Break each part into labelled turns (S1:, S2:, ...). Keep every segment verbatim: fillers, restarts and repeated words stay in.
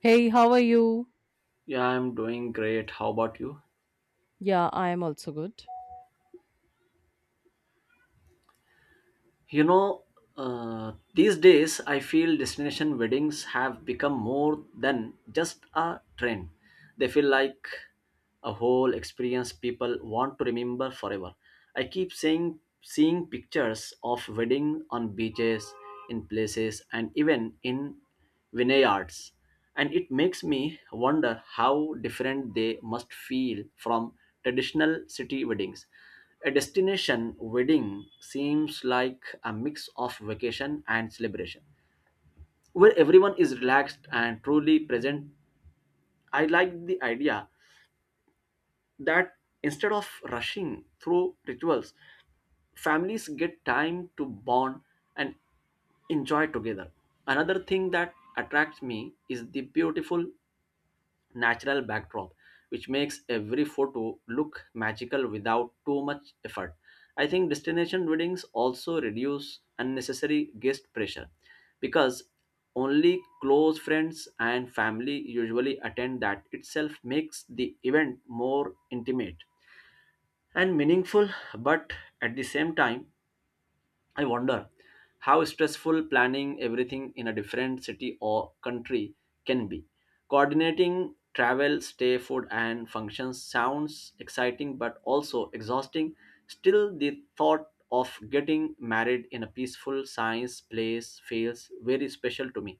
S1: Hey, how are you?
S2: Yeah, I'm doing great. How about you?
S1: Yeah, I am also good.
S2: You know, uh, these days I feel destination weddings have become more than just a trend. They feel like a whole experience people want to remember forever. I keep seeing seeing pictures of wedding on beaches, in places, and even in vineyards. And it makes me wonder how different they must feel from traditional city weddings. A destination wedding seems like a mix of vacation and celebration, where everyone is relaxed and truly present. I like the idea that instead of rushing through rituals, families get time to bond and enjoy together. Another thing that attracts me is the beautiful natural backdrop, which makes every photo look magical without too much effort. I think destination weddings also reduce unnecessary guest pressure because only close friends and family usually attend, that itself makes the event more intimate and meaningful, but at the same time I wonder how stressful planning everything in a different city or country can be. Coordinating travel, stay, food, and functions sounds exciting but also exhausting. Still, the thought of getting married in a peaceful science place feels very special to me.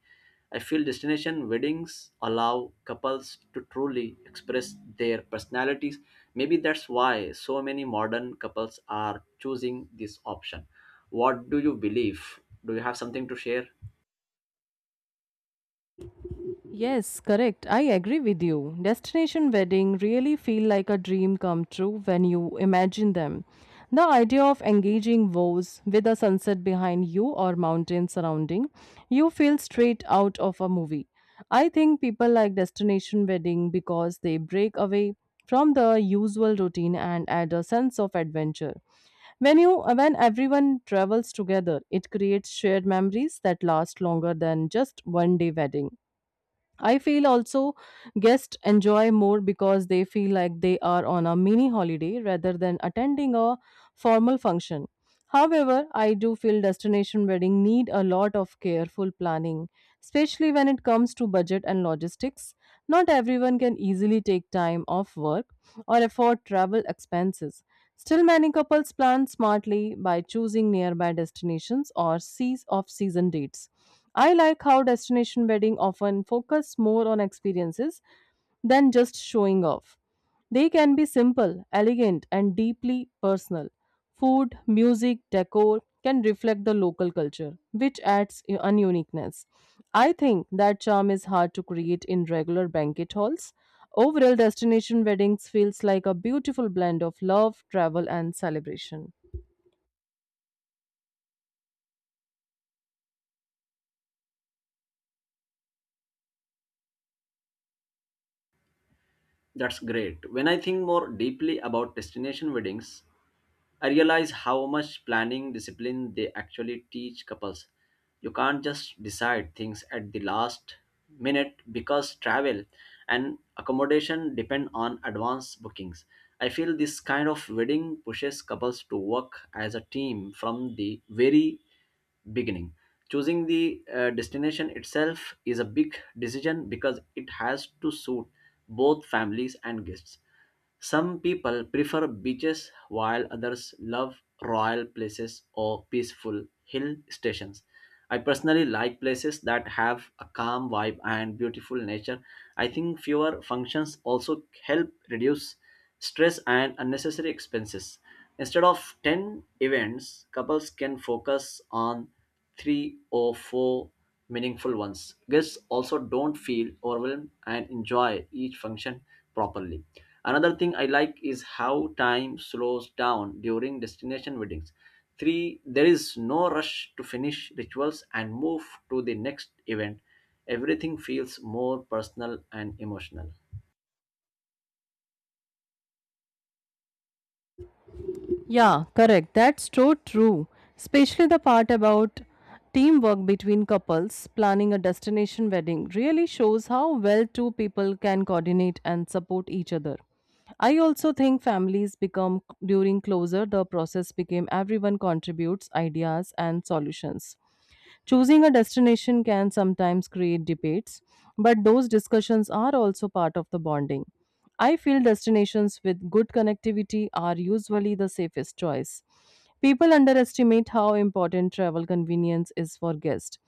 S2: I feel destination weddings allow couples to truly express their personalities. Maybe that's why so many modern couples are choosing this option. What do you believe? Do you have something to share?
S1: Yes, correct. I agree with you. Destination wedding really feel like a dream come true when you imagine them. The idea of engaging vows with a sunset behind you or mountains surrounding you feel straight out of a movie. I think people like destination wedding because they break away from the usual routine and add a sense of adventure. When you when everyone travels together, it creates shared memories that last longer than just one day wedding. I feel also guests enjoy more because they feel like they are on a mini holiday rather than attending a formal function. However, I do feel destination wedding need a lot of careful planning, especially when it comes to budget and logistics. Not everyone can easily take time off work or afford travel expenses. Still, many couples plan smartly by choosing nearby destinations or seas off season dates. I like how destination wedding often focus more on experiences than just showing off. They can be simple, elegant, and deeply personal. Food, music, decor can reflect the local culture, which adds u- an uniqueness. I think that charm is hard to create in regular banquet halls. Overall, destination weddings feels like a beautiful blend of love, travel, and celebration.
S2: That's great. When I think more deeply about destination weddings, I realize how much planning discipline they actually teach couples. You can't just decide things at the last minute because travel and accommodation depend on advance bookings. I feel this kind of wedding pushes couples to work as a team from the very beginning. Choosing the uh, destination itself is a big decision because it has to suit both families and guests. Some people prefer beaches while others love royal places or peaceful hill stations. I personally like places that have a calm vibe and beautiful nature. I think fewer functions also help reduce stress and unnecessary expenses. Instead of ten events, couples can focus on three or four meaningful ones. Guests also don't feel overwhelmed and enjoy each function properly. Another thing I like is how time slows down during destination weddings. Three, there is no rush to finish rituals and move to the next event. Everything feels more personal and emotional.
S1: Yeah, correct. That's so true. Especially the part about teamwork between couples planning a destination wedding really shows how well two people can coordinate and support each other. I also think families become during closer the process became everyone contributes ideas and solutions. Choosing a destination can sometimes create debates, but those discussions are also part of the bonding. I feel destinations with good connectivity are usually the safest choice. People underestimate how important travel convenience is for guests.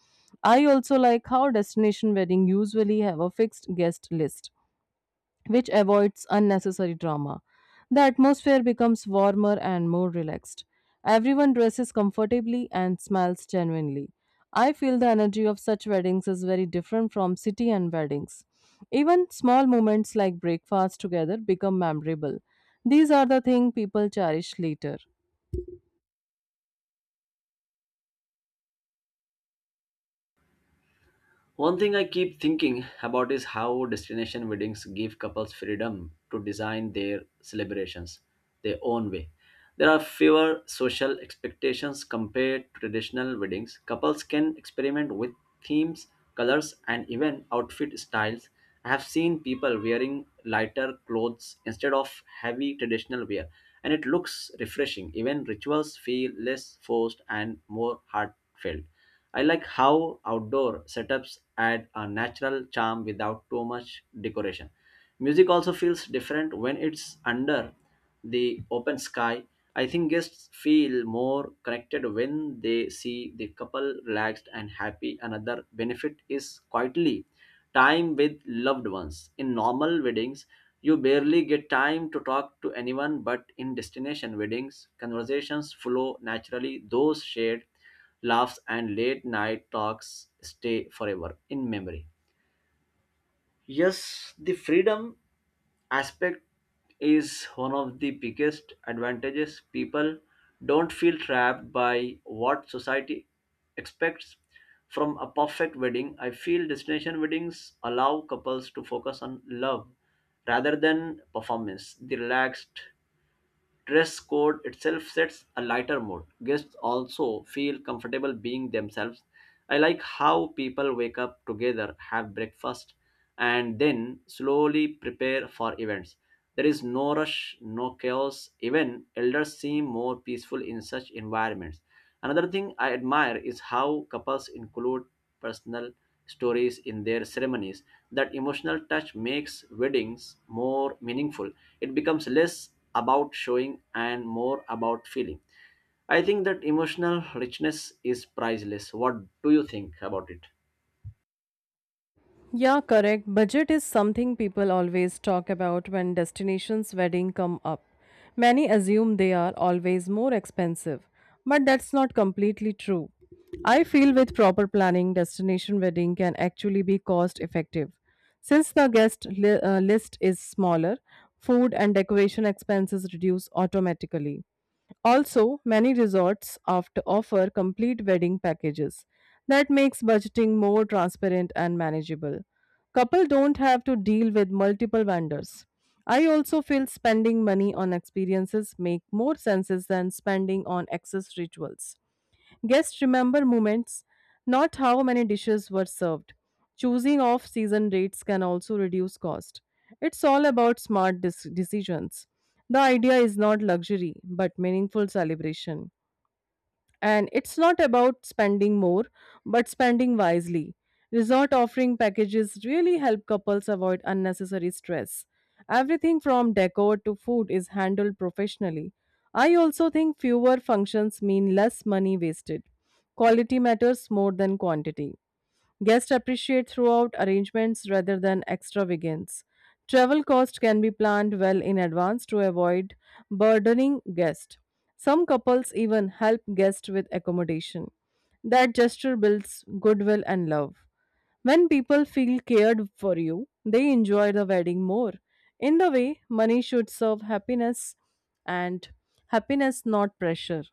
S1: I also like how destination weddings usually have a fixed guest list which avoids unnecessary drama. The atmosphere becomes warmer and more relaxed. Everyone dresses comfortably and smells genuinely. I feel the energy of such weddings is very different from city and weddings. Even small moments like breakfast together become memorable. These are the things people cherish later.
S2: One thing I keep thinking about is how destination weddings give couples freedom to design their celebrations their own way. There are fewer social expectations compared to traditional weddings. Couples can experiment with themes, colors, and even outfit styles. I have seen people wearing lighter clothes instead of heavy traditional wear, and it looks refreshing. Even rituals feel less forced and more heartfelt. I like how outdoor setups add a natural charm without too much decoration. Music also feels different when it's under the open sky. I think guests feel more connected when they see the couple relaxed and happy. Another benefit is quietly time with loved ones. In normal weddings, you barely get time to talk to anyone, but in destination weddings, conversations flow naturally. Those shared laughs, and late night talks stay forever in memory. Yes, the freedom aspect is one of the biggest advantages. People don't feel trapped by what society expects from a perfect wedding. I feel destination weddings allow couples to focus on love rather than performance. The relaxed dress code itself sets a lighter mood. Guests also feel comfortable being themselves. I like how people wake up together, have breakfast, and then slowly prepare for events. There is no rush, no chaos. Even elders seem more peaceful in such environments. Another thing I admire is how couples include personal stories in their ceremonies. That emotional touch makes weddings more meaningful. It becomes less about showing and more about feeling. I think that emotional richness is priceless. What do you think about it?
S1: Yeah, correct. Budget is something people always talk about when destinations wedding come up. Many assume they are always more expensive, but that's not completely true. I feel with proper planning, destination wedding can actually be cost effective. Since the guest li- uh, list is smaller, food and decoration expenses reduce automatically. Also, many resorts opt offer complete wedding packages. That makes budgeting more transparent and manageable. Couple don't have to deal with multiple vendors. I also feel spending money on experiences make more sense than spending on excess rituals. Guests remember moments, not how many dishes were served. Choosing off season dates can also reduce cost. It's all about smart dis- decisions. The idea is not luxury, but meaningful celebration, and it's not about spending more but spending wisely. Resort offering packages really help couples avoid unnecessary stress. Everything from decor to food is handled professionally. I also think fewer functions mean less money wasted. Quality matters more than quantity. Guests appreciate throughout arrangements rather than extravagance. Travel cost can be planned well in advance to avoid burdening guests. Some couples even help guests with accommodation. That gesture builds goodwill and love. When people feel cared for you, they enjoy the wedding more. In the way, money should serve happiness and happiness, not pressure.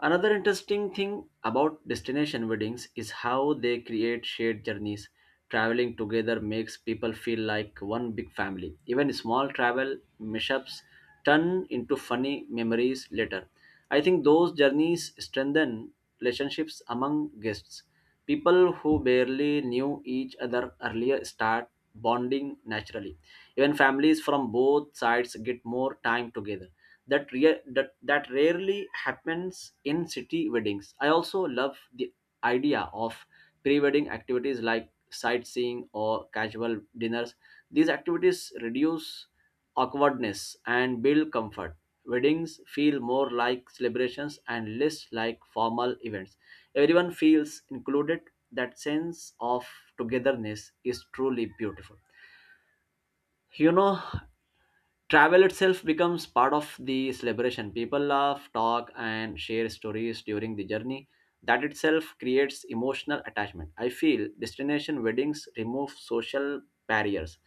S2: Another interesting thing about destination weddings is how they create shared journeys. Traveling together makes people feel like one big family. Even small travel mishaps turn into funny memories later. I think those journeys strengthen relationships among guests. People who barely knew each other earlier start bonding naturally. Even families from both sides get more time together. That, rea- that that rarely happens in city weddings. I also love the idea of pre-wedding activities like sightseeing or casual dinners. These activities reduce awkwardness and build comfort. Weddings feel more like celebrations and less like formal events. Everyone feels included. That sense of togetherness is truly beautiful. You know, travel itself becomes part of the celebration, people laugh, talk and share stories during the journey. That itself creates emotional attachment. I feel destination weddings remove social barriers.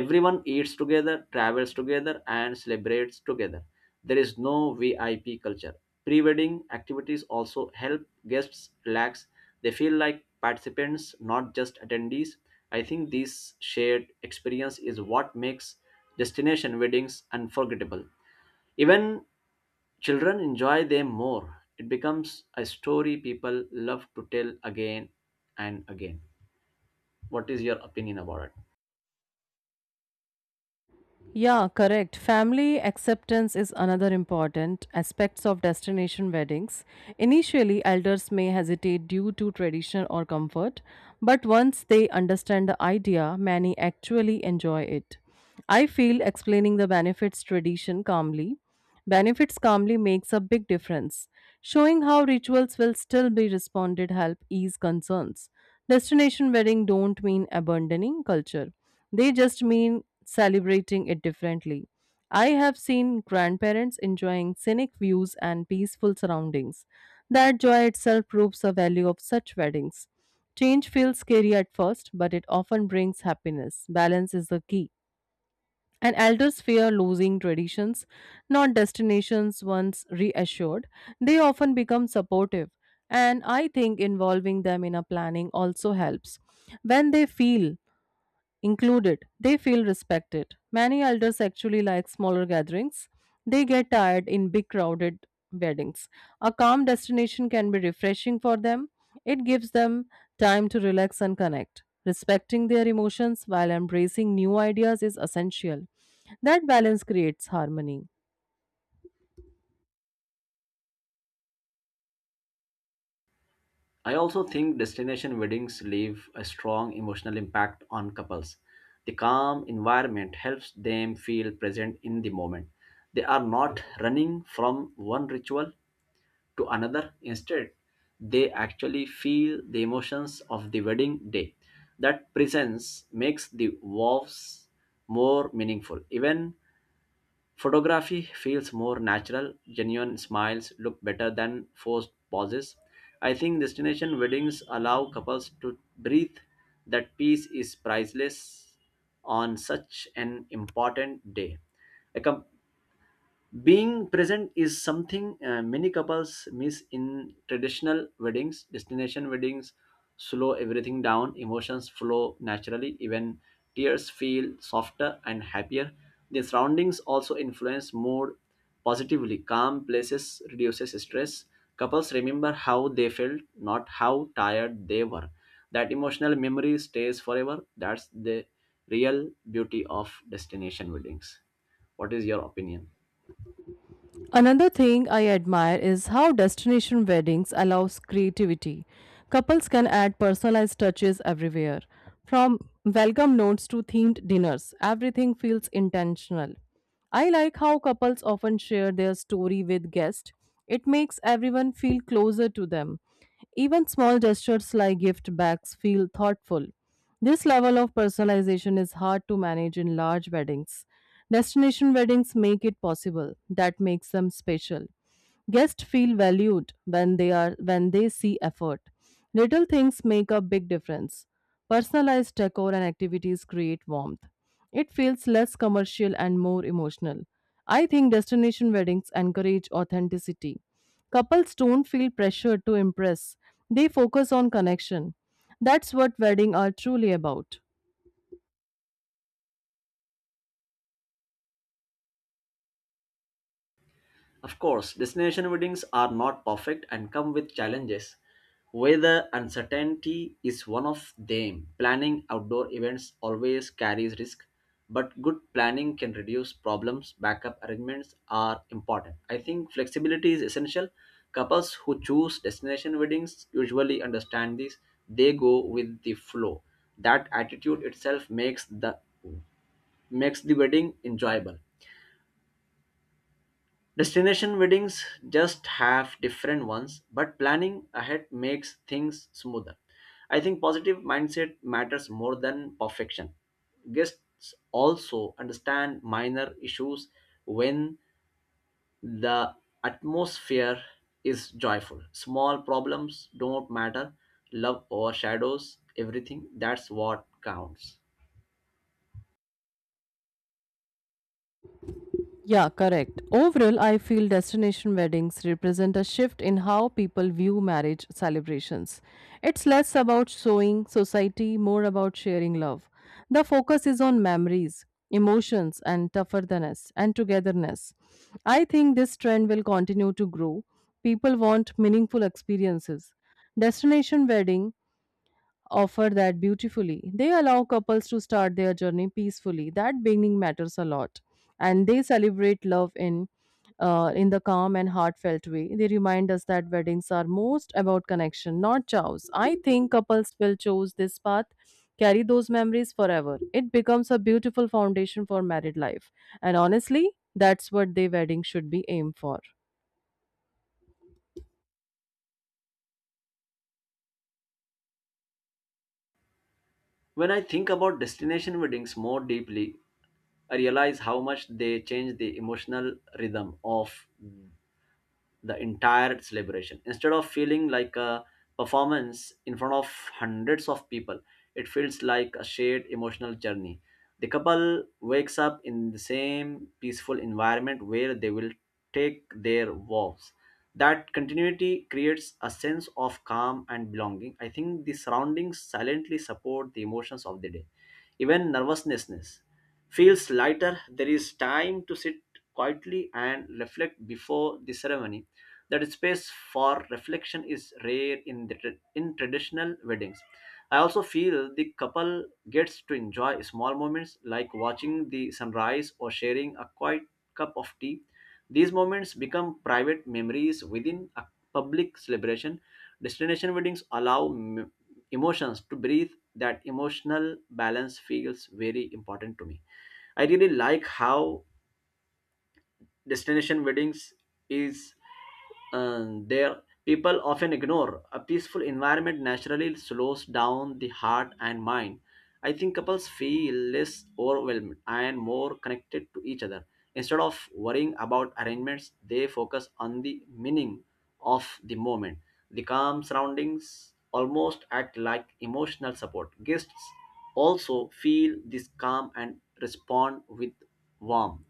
S2: Everyone eats together, travels together, and celebrates together. There is no VIP culture. Pre-wedding activities also help guests relax. They feel like participants, not just attendees. I think this shared experience is what makes destination weddings unforgettable. Even children enjoy them more. It becomes a story people love to tell again and again. What is your opinion about it?
S1: Yeah, correct. Family acceptance is another important aspects of destination weddings. Initially, elders may hesitate due to tradition or comfort, but once they understand the idea, many actually enjoy it. I feel explaining the benefits tradition calmly Benefits calmly makes a big difference. Showing how rituals will still be responded help ease concerns. Destination wedding don't mean abandoning culture. They just mean celebrating it differently. I have seen grandparents enjoying scenic views and peaceful surroundings. That joy itself proves the value of such weddings. Change feels scary at first, but it often brings happiness. Balance is the key. And elders fear losing traditions, not destinations once reassured. They often become supportive, and I think involving them in a planning also helps. When they feel included, they feel respected. Many elders actually like smaller gatherings. They get tired in big crowded weddings. A calm destination can be refreshing for them. It gives them time to relax and connect. Respecting their emotions while embracing new ideas is essential. That balance creates harmony.
S2: I also think destination weddings leave a strong emotional impact on couples. The calm environment helps them feel present in the moment. They are not running from one ritual to another. Instead, they actually feel the emotions of the wedding day. That presence makes the vows more meaningful. Even photography feels more natural, genuine smiles look better than forced pauses. I think destination weddings allow couples to breathe. That peace is priceless on such an important day. A com- Being present is something uh, many couples miss in traditional weddings. Destination weddings slow everything down, emotions flow naturally, even tears feel softer and happier. The surroundings also influence mood positively. Calm places reduces stress. Couples remember how they felt, not how tired they were. That emotional memory stays forever. That's the real beauty of destination weddings. What is your opinion?
S1: Another thing I admire is how destination weddings allows creativity. Couples can add personalized touches everywhere, from welcome notes to themed dinners. Everything feels intentional. I like how couples often share their story with guests. It makes everyone feel closer to them. Even small gestures like gift bags feel thoughtful. This level of personalization is hard to manage in large weddings. Destination weddings make it possible, that makes them special. Guests feel valued when they are when they see effort. Little things make a big difference. Personalized decor and activities create warmth. It feels less commercial and more emotional. I think destination weddings encourage authenticity. Couples don't feel pressured to impress. They focus on connection. That's what weddings are truly about.
S2: Of course, destination weddings are not perfect and come with challenges. Weather uncertainty is one of them. Planning outdoor events always carries risk, but good planning can reduce problems. Backup arrangements are important. I think flexibility is essential. Couples who choose destination weddings usually understand this. They go with the flow. That attitude itself makes the makes the wedding enjoyable. Destination weddings just have different ones, but planning ahead makes things smoother. I think positive mindset matters more than perfection. Guests also understand minor issues when the atmosphere is joyful. Small problems don't matter. Love overshadows everything. That's what counts.
S1: Yeah, correct. Overall, I feel destination weddings represent a shift in how people view marriage celebrations. It's less about showing society, more about sharing love. The focus is on memories, emotions, and tougherness and togetherness. I think this trend will continue to grow. People want meaningful experiences. Destination wedding offer that beautifully. They allow couples to start their journey peacefully. That beginning matters a lot. And they celebrate love in, uh, in the calm and heartfelt way. They remind us that weddings are most about connection, not chows. I think couples will choose this path, carry those memories forever. It becomes a beautiful foundation for married life. And honestly, that's what their wedding should be aimed for.
S2: When I think about destination weddings more deeply, I realize how much they change the emotional rhythm of the entire celebration. Instead of feeling like a performance in front of hundreds of people, it feels like a shared emotional journey. The couple wakes up in the same peaceful environment where they will take their vows. That continuity creates a sense of calm and belonging. I think the surroundings silently support the emotions of the day. Even nervousness feels lighter, there is time to sit quietly and reflect before the ceremony. That space for reflection is rare in, the, tra- in traditional weddings. I also feel the couple gets to enjoy small moments like watching the sunrise or sharing a quiet cup of tea. These moments become private memories within a public celebration. Destination weddings allow m- emotions to breathe. That emotional balance feels very important to me. I really like how destination weddings is um, there people often ignore. A peaceful environment naturally slows down the heart and mind. I think couples feel less overwhelmed and more connected to each other. Instead of worrying about arrangements, they focus on the meaning of the moment. The calm surroundings almost act like emotional support. Guests also feel this calm and respond with warmth.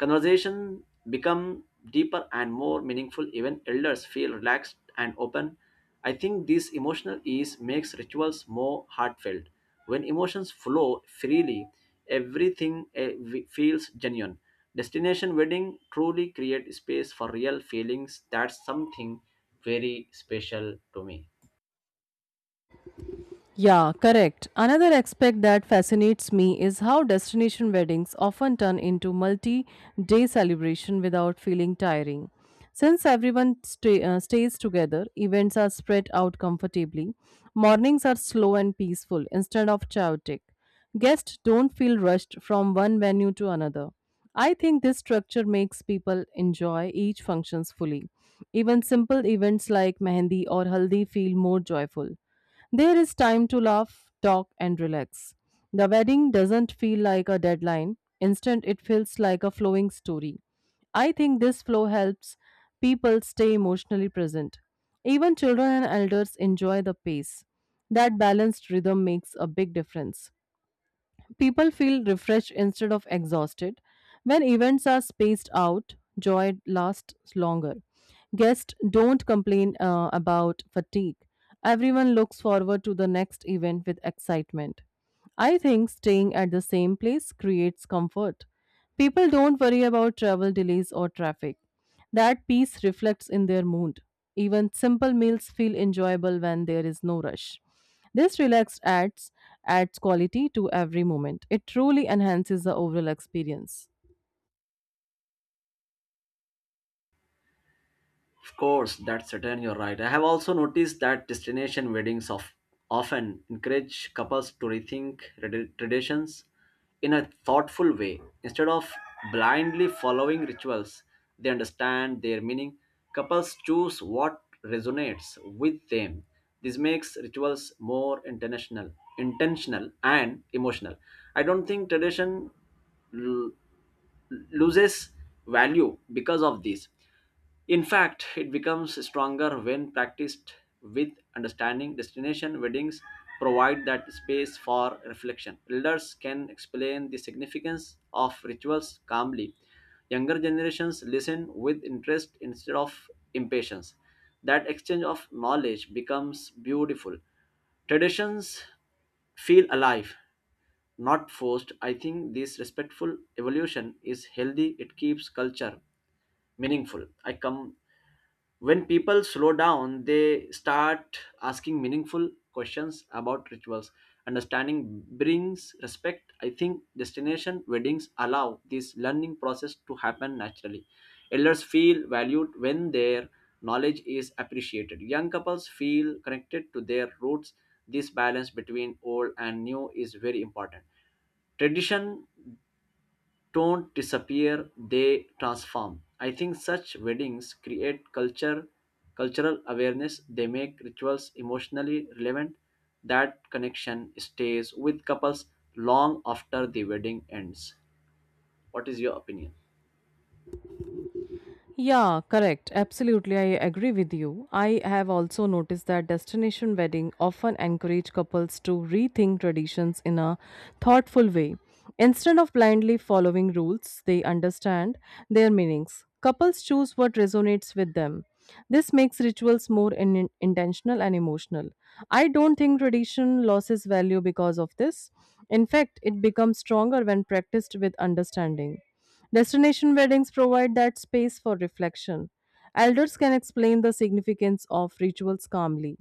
S2: Conversation become deeper and more meaningful, even elders feel relaxed and open. I think this emotional ease makes rituals more heartfelt. When emotions flow freely, everything eh, we- feels genuine. Destination wedding truly create space for real feelings. That's something very special to me.
S1: Yeah, correct. Another aspect that fascinates me is how destination weddings often turn into multi day celebration without feeling tiring. Since everyone stay, uh, stays together, events are spread out comfortably. Mornings are slow and peaceful instead of chaotic. Guests don't feel rushed from one venue to another. I think this structure makes people enjoy each functions fully. Even simple events like mehendi or haldi feel more joyful. There is time to laugh, talk, and relax. The wedding doesn't feel like a deadline, instead, it feels like a flowing story. I think this flow helps people stay emotionally present. Even children and elders enjoy the pace. That balanced rhythm makes a big difference. People feel refreshed instead of exhausted. When events are spaced out, joy lasts longer. Guests don't complain uh, about fatigue. Everyone looks forward to the next event with excitement. I think staying at the same place creates comfort. People don't worry about travel delays or traffic. That peace reflects in their mood. Even simple meals feel enjoyable when there is no rush. This relaxed adds adds quality to every moment. It truly enhances the overall experience.
S2: Of course, that's certain. You're right. I have also noticed that destination weddings of often encourage couples to rethink tradi- traditions in a thoughtful way, instead of blindly following rituals. They understand their meaning. Couples choose what resonates with them. This makes rituals more international, intentional, and emotional. I don't think tradition l- loses value because of this. In fact, it becomes stronger when practiced with understanding. Destination weddings provide that space for reflection. Elders can explain the significance of rituals calmly. Younger generations listen with interest instead of impatience. That exchange of knowledge becomes beautiful. Traditions feel alive, not forced. I think this respectful evolution is healthy. It keeps culture meaningful. I come When people slow down, they start asking meaningful questions about rituals. Understanding brings respect. I think destination weddings allow this learning process to happen naturally. Elders feel valued when their knowledge is appreciated. Young couples feel connected to their roots. This balance between old and new is very important. Tradition don't disappear, they transform. I think such weddings create culture cultural awareness. They make rituals emotionally relevant. That connection stays with couples long after the wedding ends. What is your opinion?
S1: Yeah, correct. Absolutely, I agree with you. I have also noticed that destination wedding often encourage couples to rethink traditions in a thoughtful way. Instead of blindly following rules, they understand their meanings. Couples choose what resonates with them. This makes rituals more in- intentional and emotional. I don't think tradition loses value because of this. In fact, it becomes stronger when practiced with understanding. Destination weddings provide that space for reflection. Elders can explain the significance of rituals calmly.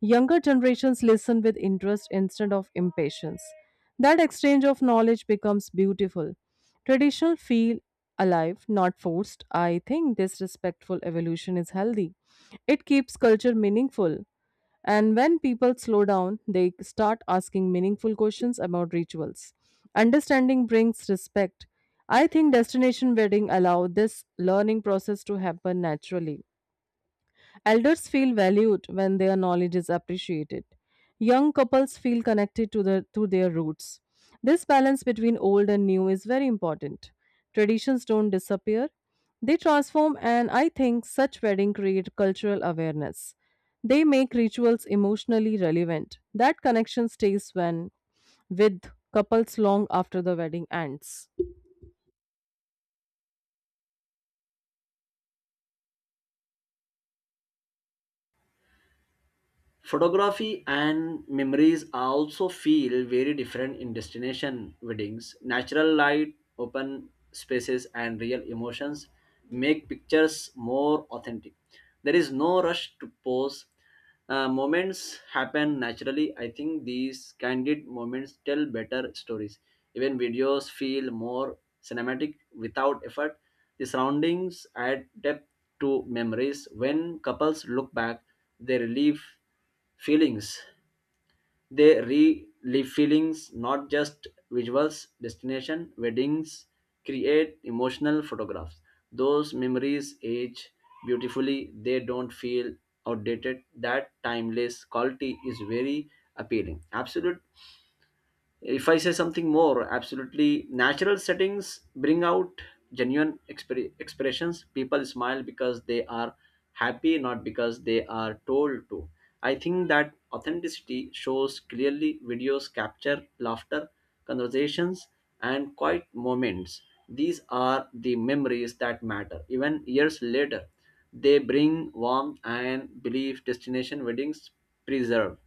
S1: Younger generations listen with interest instead of impatience. That exchange of knowledge becomes beautiful. Traditional feel alive, not forced. I think this respectful evolution is healthy. It keeps culture meaningful. And when people slow down, they start asking meaningful questions about rituals. Understanding brings respect. I think destination wedding allow this learning process to happen naturally. Elders feel valued when their knowledge is appreciated. Young couples feel connected to, the, to their roots. This balance between old and new is very important. Traditions don't disappear, they transform, and I think such weddings create cultural awareness. They make rituals emotionally relevant. That connection stays when with couples long after the wedding ends.
S2: Photography and memories are also feel very different in destination weddings. Natural light, open spaces, and real emotions make pictures more authentic. There is no rush to pose. Uh, moments happen naturally. I think these candid moments tell better stories. Even videos feel more cinematic without effort. The surroundings add depth to memories. When couples look back, they relieve Feelings. They relive feelings, not just visuals. Destination weddings create emotional photographs. Those memories age beautifully. They don't feel outdated. That timeless quality is very appealing. Absolute If I say something more, absolutely natural settings bring out genuine expre- expressions. People smile because they are happy, not because they are told to. I think that authenticity shows clearly. Videos capture laughter, conversations, and quiet moments. These are the memories that matter even years later. They bring warmth and belief. Destination weddings preserve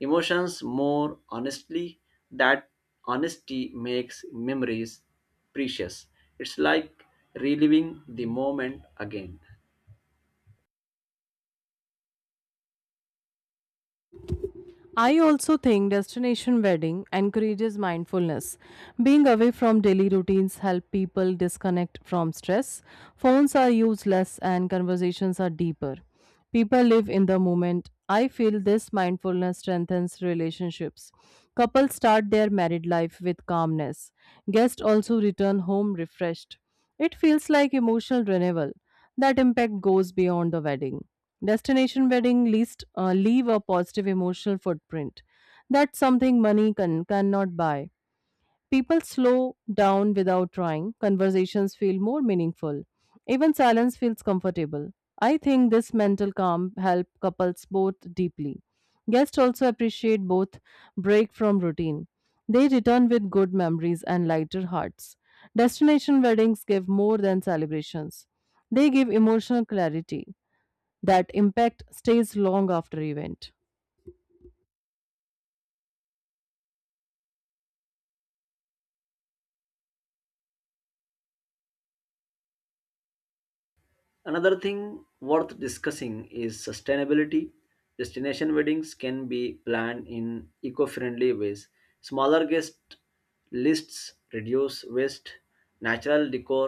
S2: emotions more honestly. That honesty makes memories precious. It's like reliving the moment again.
S1: I also think destination wedding encourages mindfulness. Being away from daily routines help people disconnect from stress. Phones are used less and conversations are deeper. People live in the moment. I feel this mindfulness strengthens relationships. Couples start their married life with calmness. Guests also return home refreshed. It feels like emotional renewal. That impact goes beyond the wedding. Destination wedding least uh, leave a positive emotional footprint. That's something money can, cannot buy. People slow down without trying. Conversations feel more meaningful. Even silence feels comfortable. I think this mental calm helps couples both deeply. Guests also appreciate both break from routine. They return with good memories and lighter hearts. Destination weddings give more than celebrations. They give emotional clarity that impact stays long after event.
S2: Another thing worth discussing is sustainability. Destination weddings can be planned in eco-friendly ways. Smaller guest lists reduce waste. Natural decor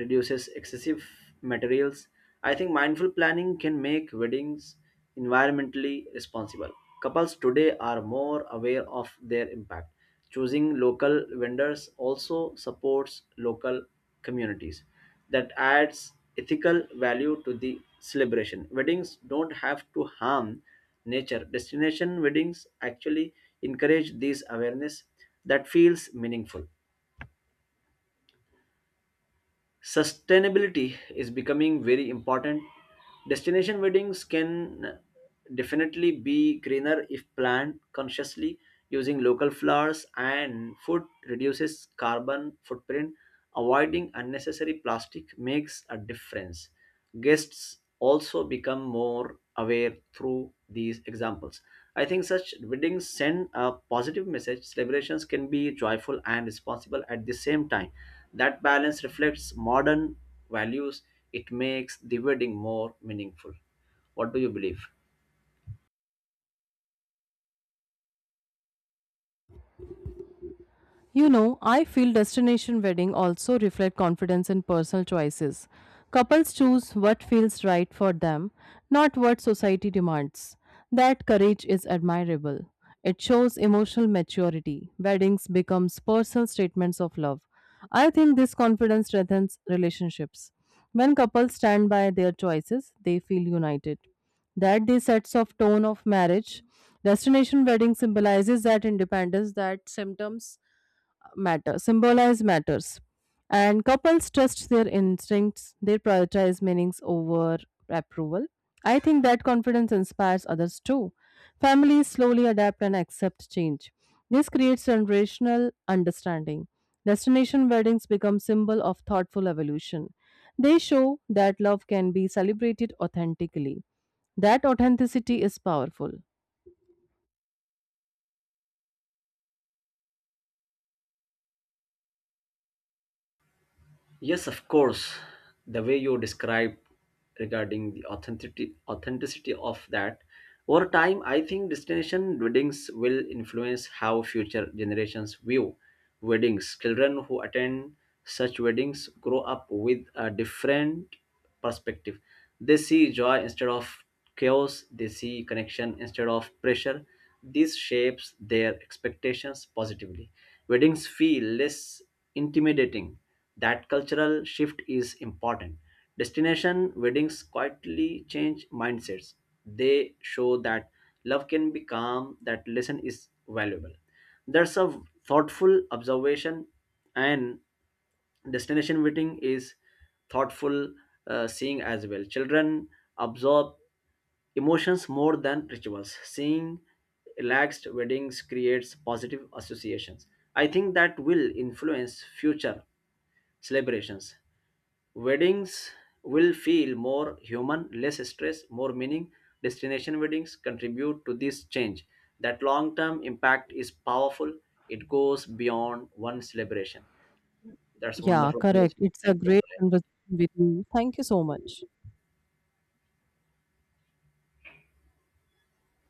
S2: reduces excessive materials. I think mindful planning can make weddings environmentally responsible. Couples today are more aware of their impact. Choosing local vendors also supports local communities. That adds ethical value to the celebration. Weddings don't have to harm nature. Destination weddings actually encourage this awareness. That feels meaningful. Sustainability is becoming very important. Destination weddings can definitely be greener if planned consciously. Using local flowers and food reduces carbon footprint. Avoiding unnecessary plastic makes a difference. Guests also become more aware through these examples. I think such weddings send a positive message. Celebrations can be joyful and responsible at the same time. That balance reflects modern values. It makes the wedding more meaningful. What do you believe?
S1: You know, I feel destination wedding also reflect confidence in personal choices. Couples choose what feels right for them, not what society demands. That courage is admirable. It shows emotional maturity. Weddings becomes personal statements of love. I think this confidence strengthens relationships. When couples stand by their choices, they feel united. That they sets of tone of marriage. Destination wedding symbolizes that independence. That symptoms matter symbolize matters, and couples trust their instincts. They prioritize meanings over approval. I think that confidence inspires others too. Families slowly adapt and accept change. This creates generational understanding. Destination weddings become symbol of thoughtful evolution. They show that love can be celebrated authentically. That authenticity is powerful.
S2: Yes, of course. The way you described regarding the authenticity authenticity of that over time, I think destination weddings will influence how future generations view weddings. Children who attend such weddings grow up with a different perspective. They see joy instead of chaos, they see connection instead of pressure. This shapes their expectations positively. Weddings feel less intimidating. That cultural shift is important. Destination weddings quietly change mindsets. They show that love can be calm, that lesson is valuable. There's a thoughtful observation, and destination wedding is thoughtful, uh, seeing as well. Children absorb emotions more than rituals. Seeing relaxed weddings creates positive associations. I think that will influence future celebrations. Weddings will feel more human, less stress, more meaning. Destination weddings contribute to this change. That long term impact is powerful. It goes beyond one celebration. That's
S1: Yeah,
S2: wonderful
S1: correct.
S2: conversation.
S1: It's a
S2: Thank you.
S1: great
S2: Bye.
S1: conversation with you. Thank you so much.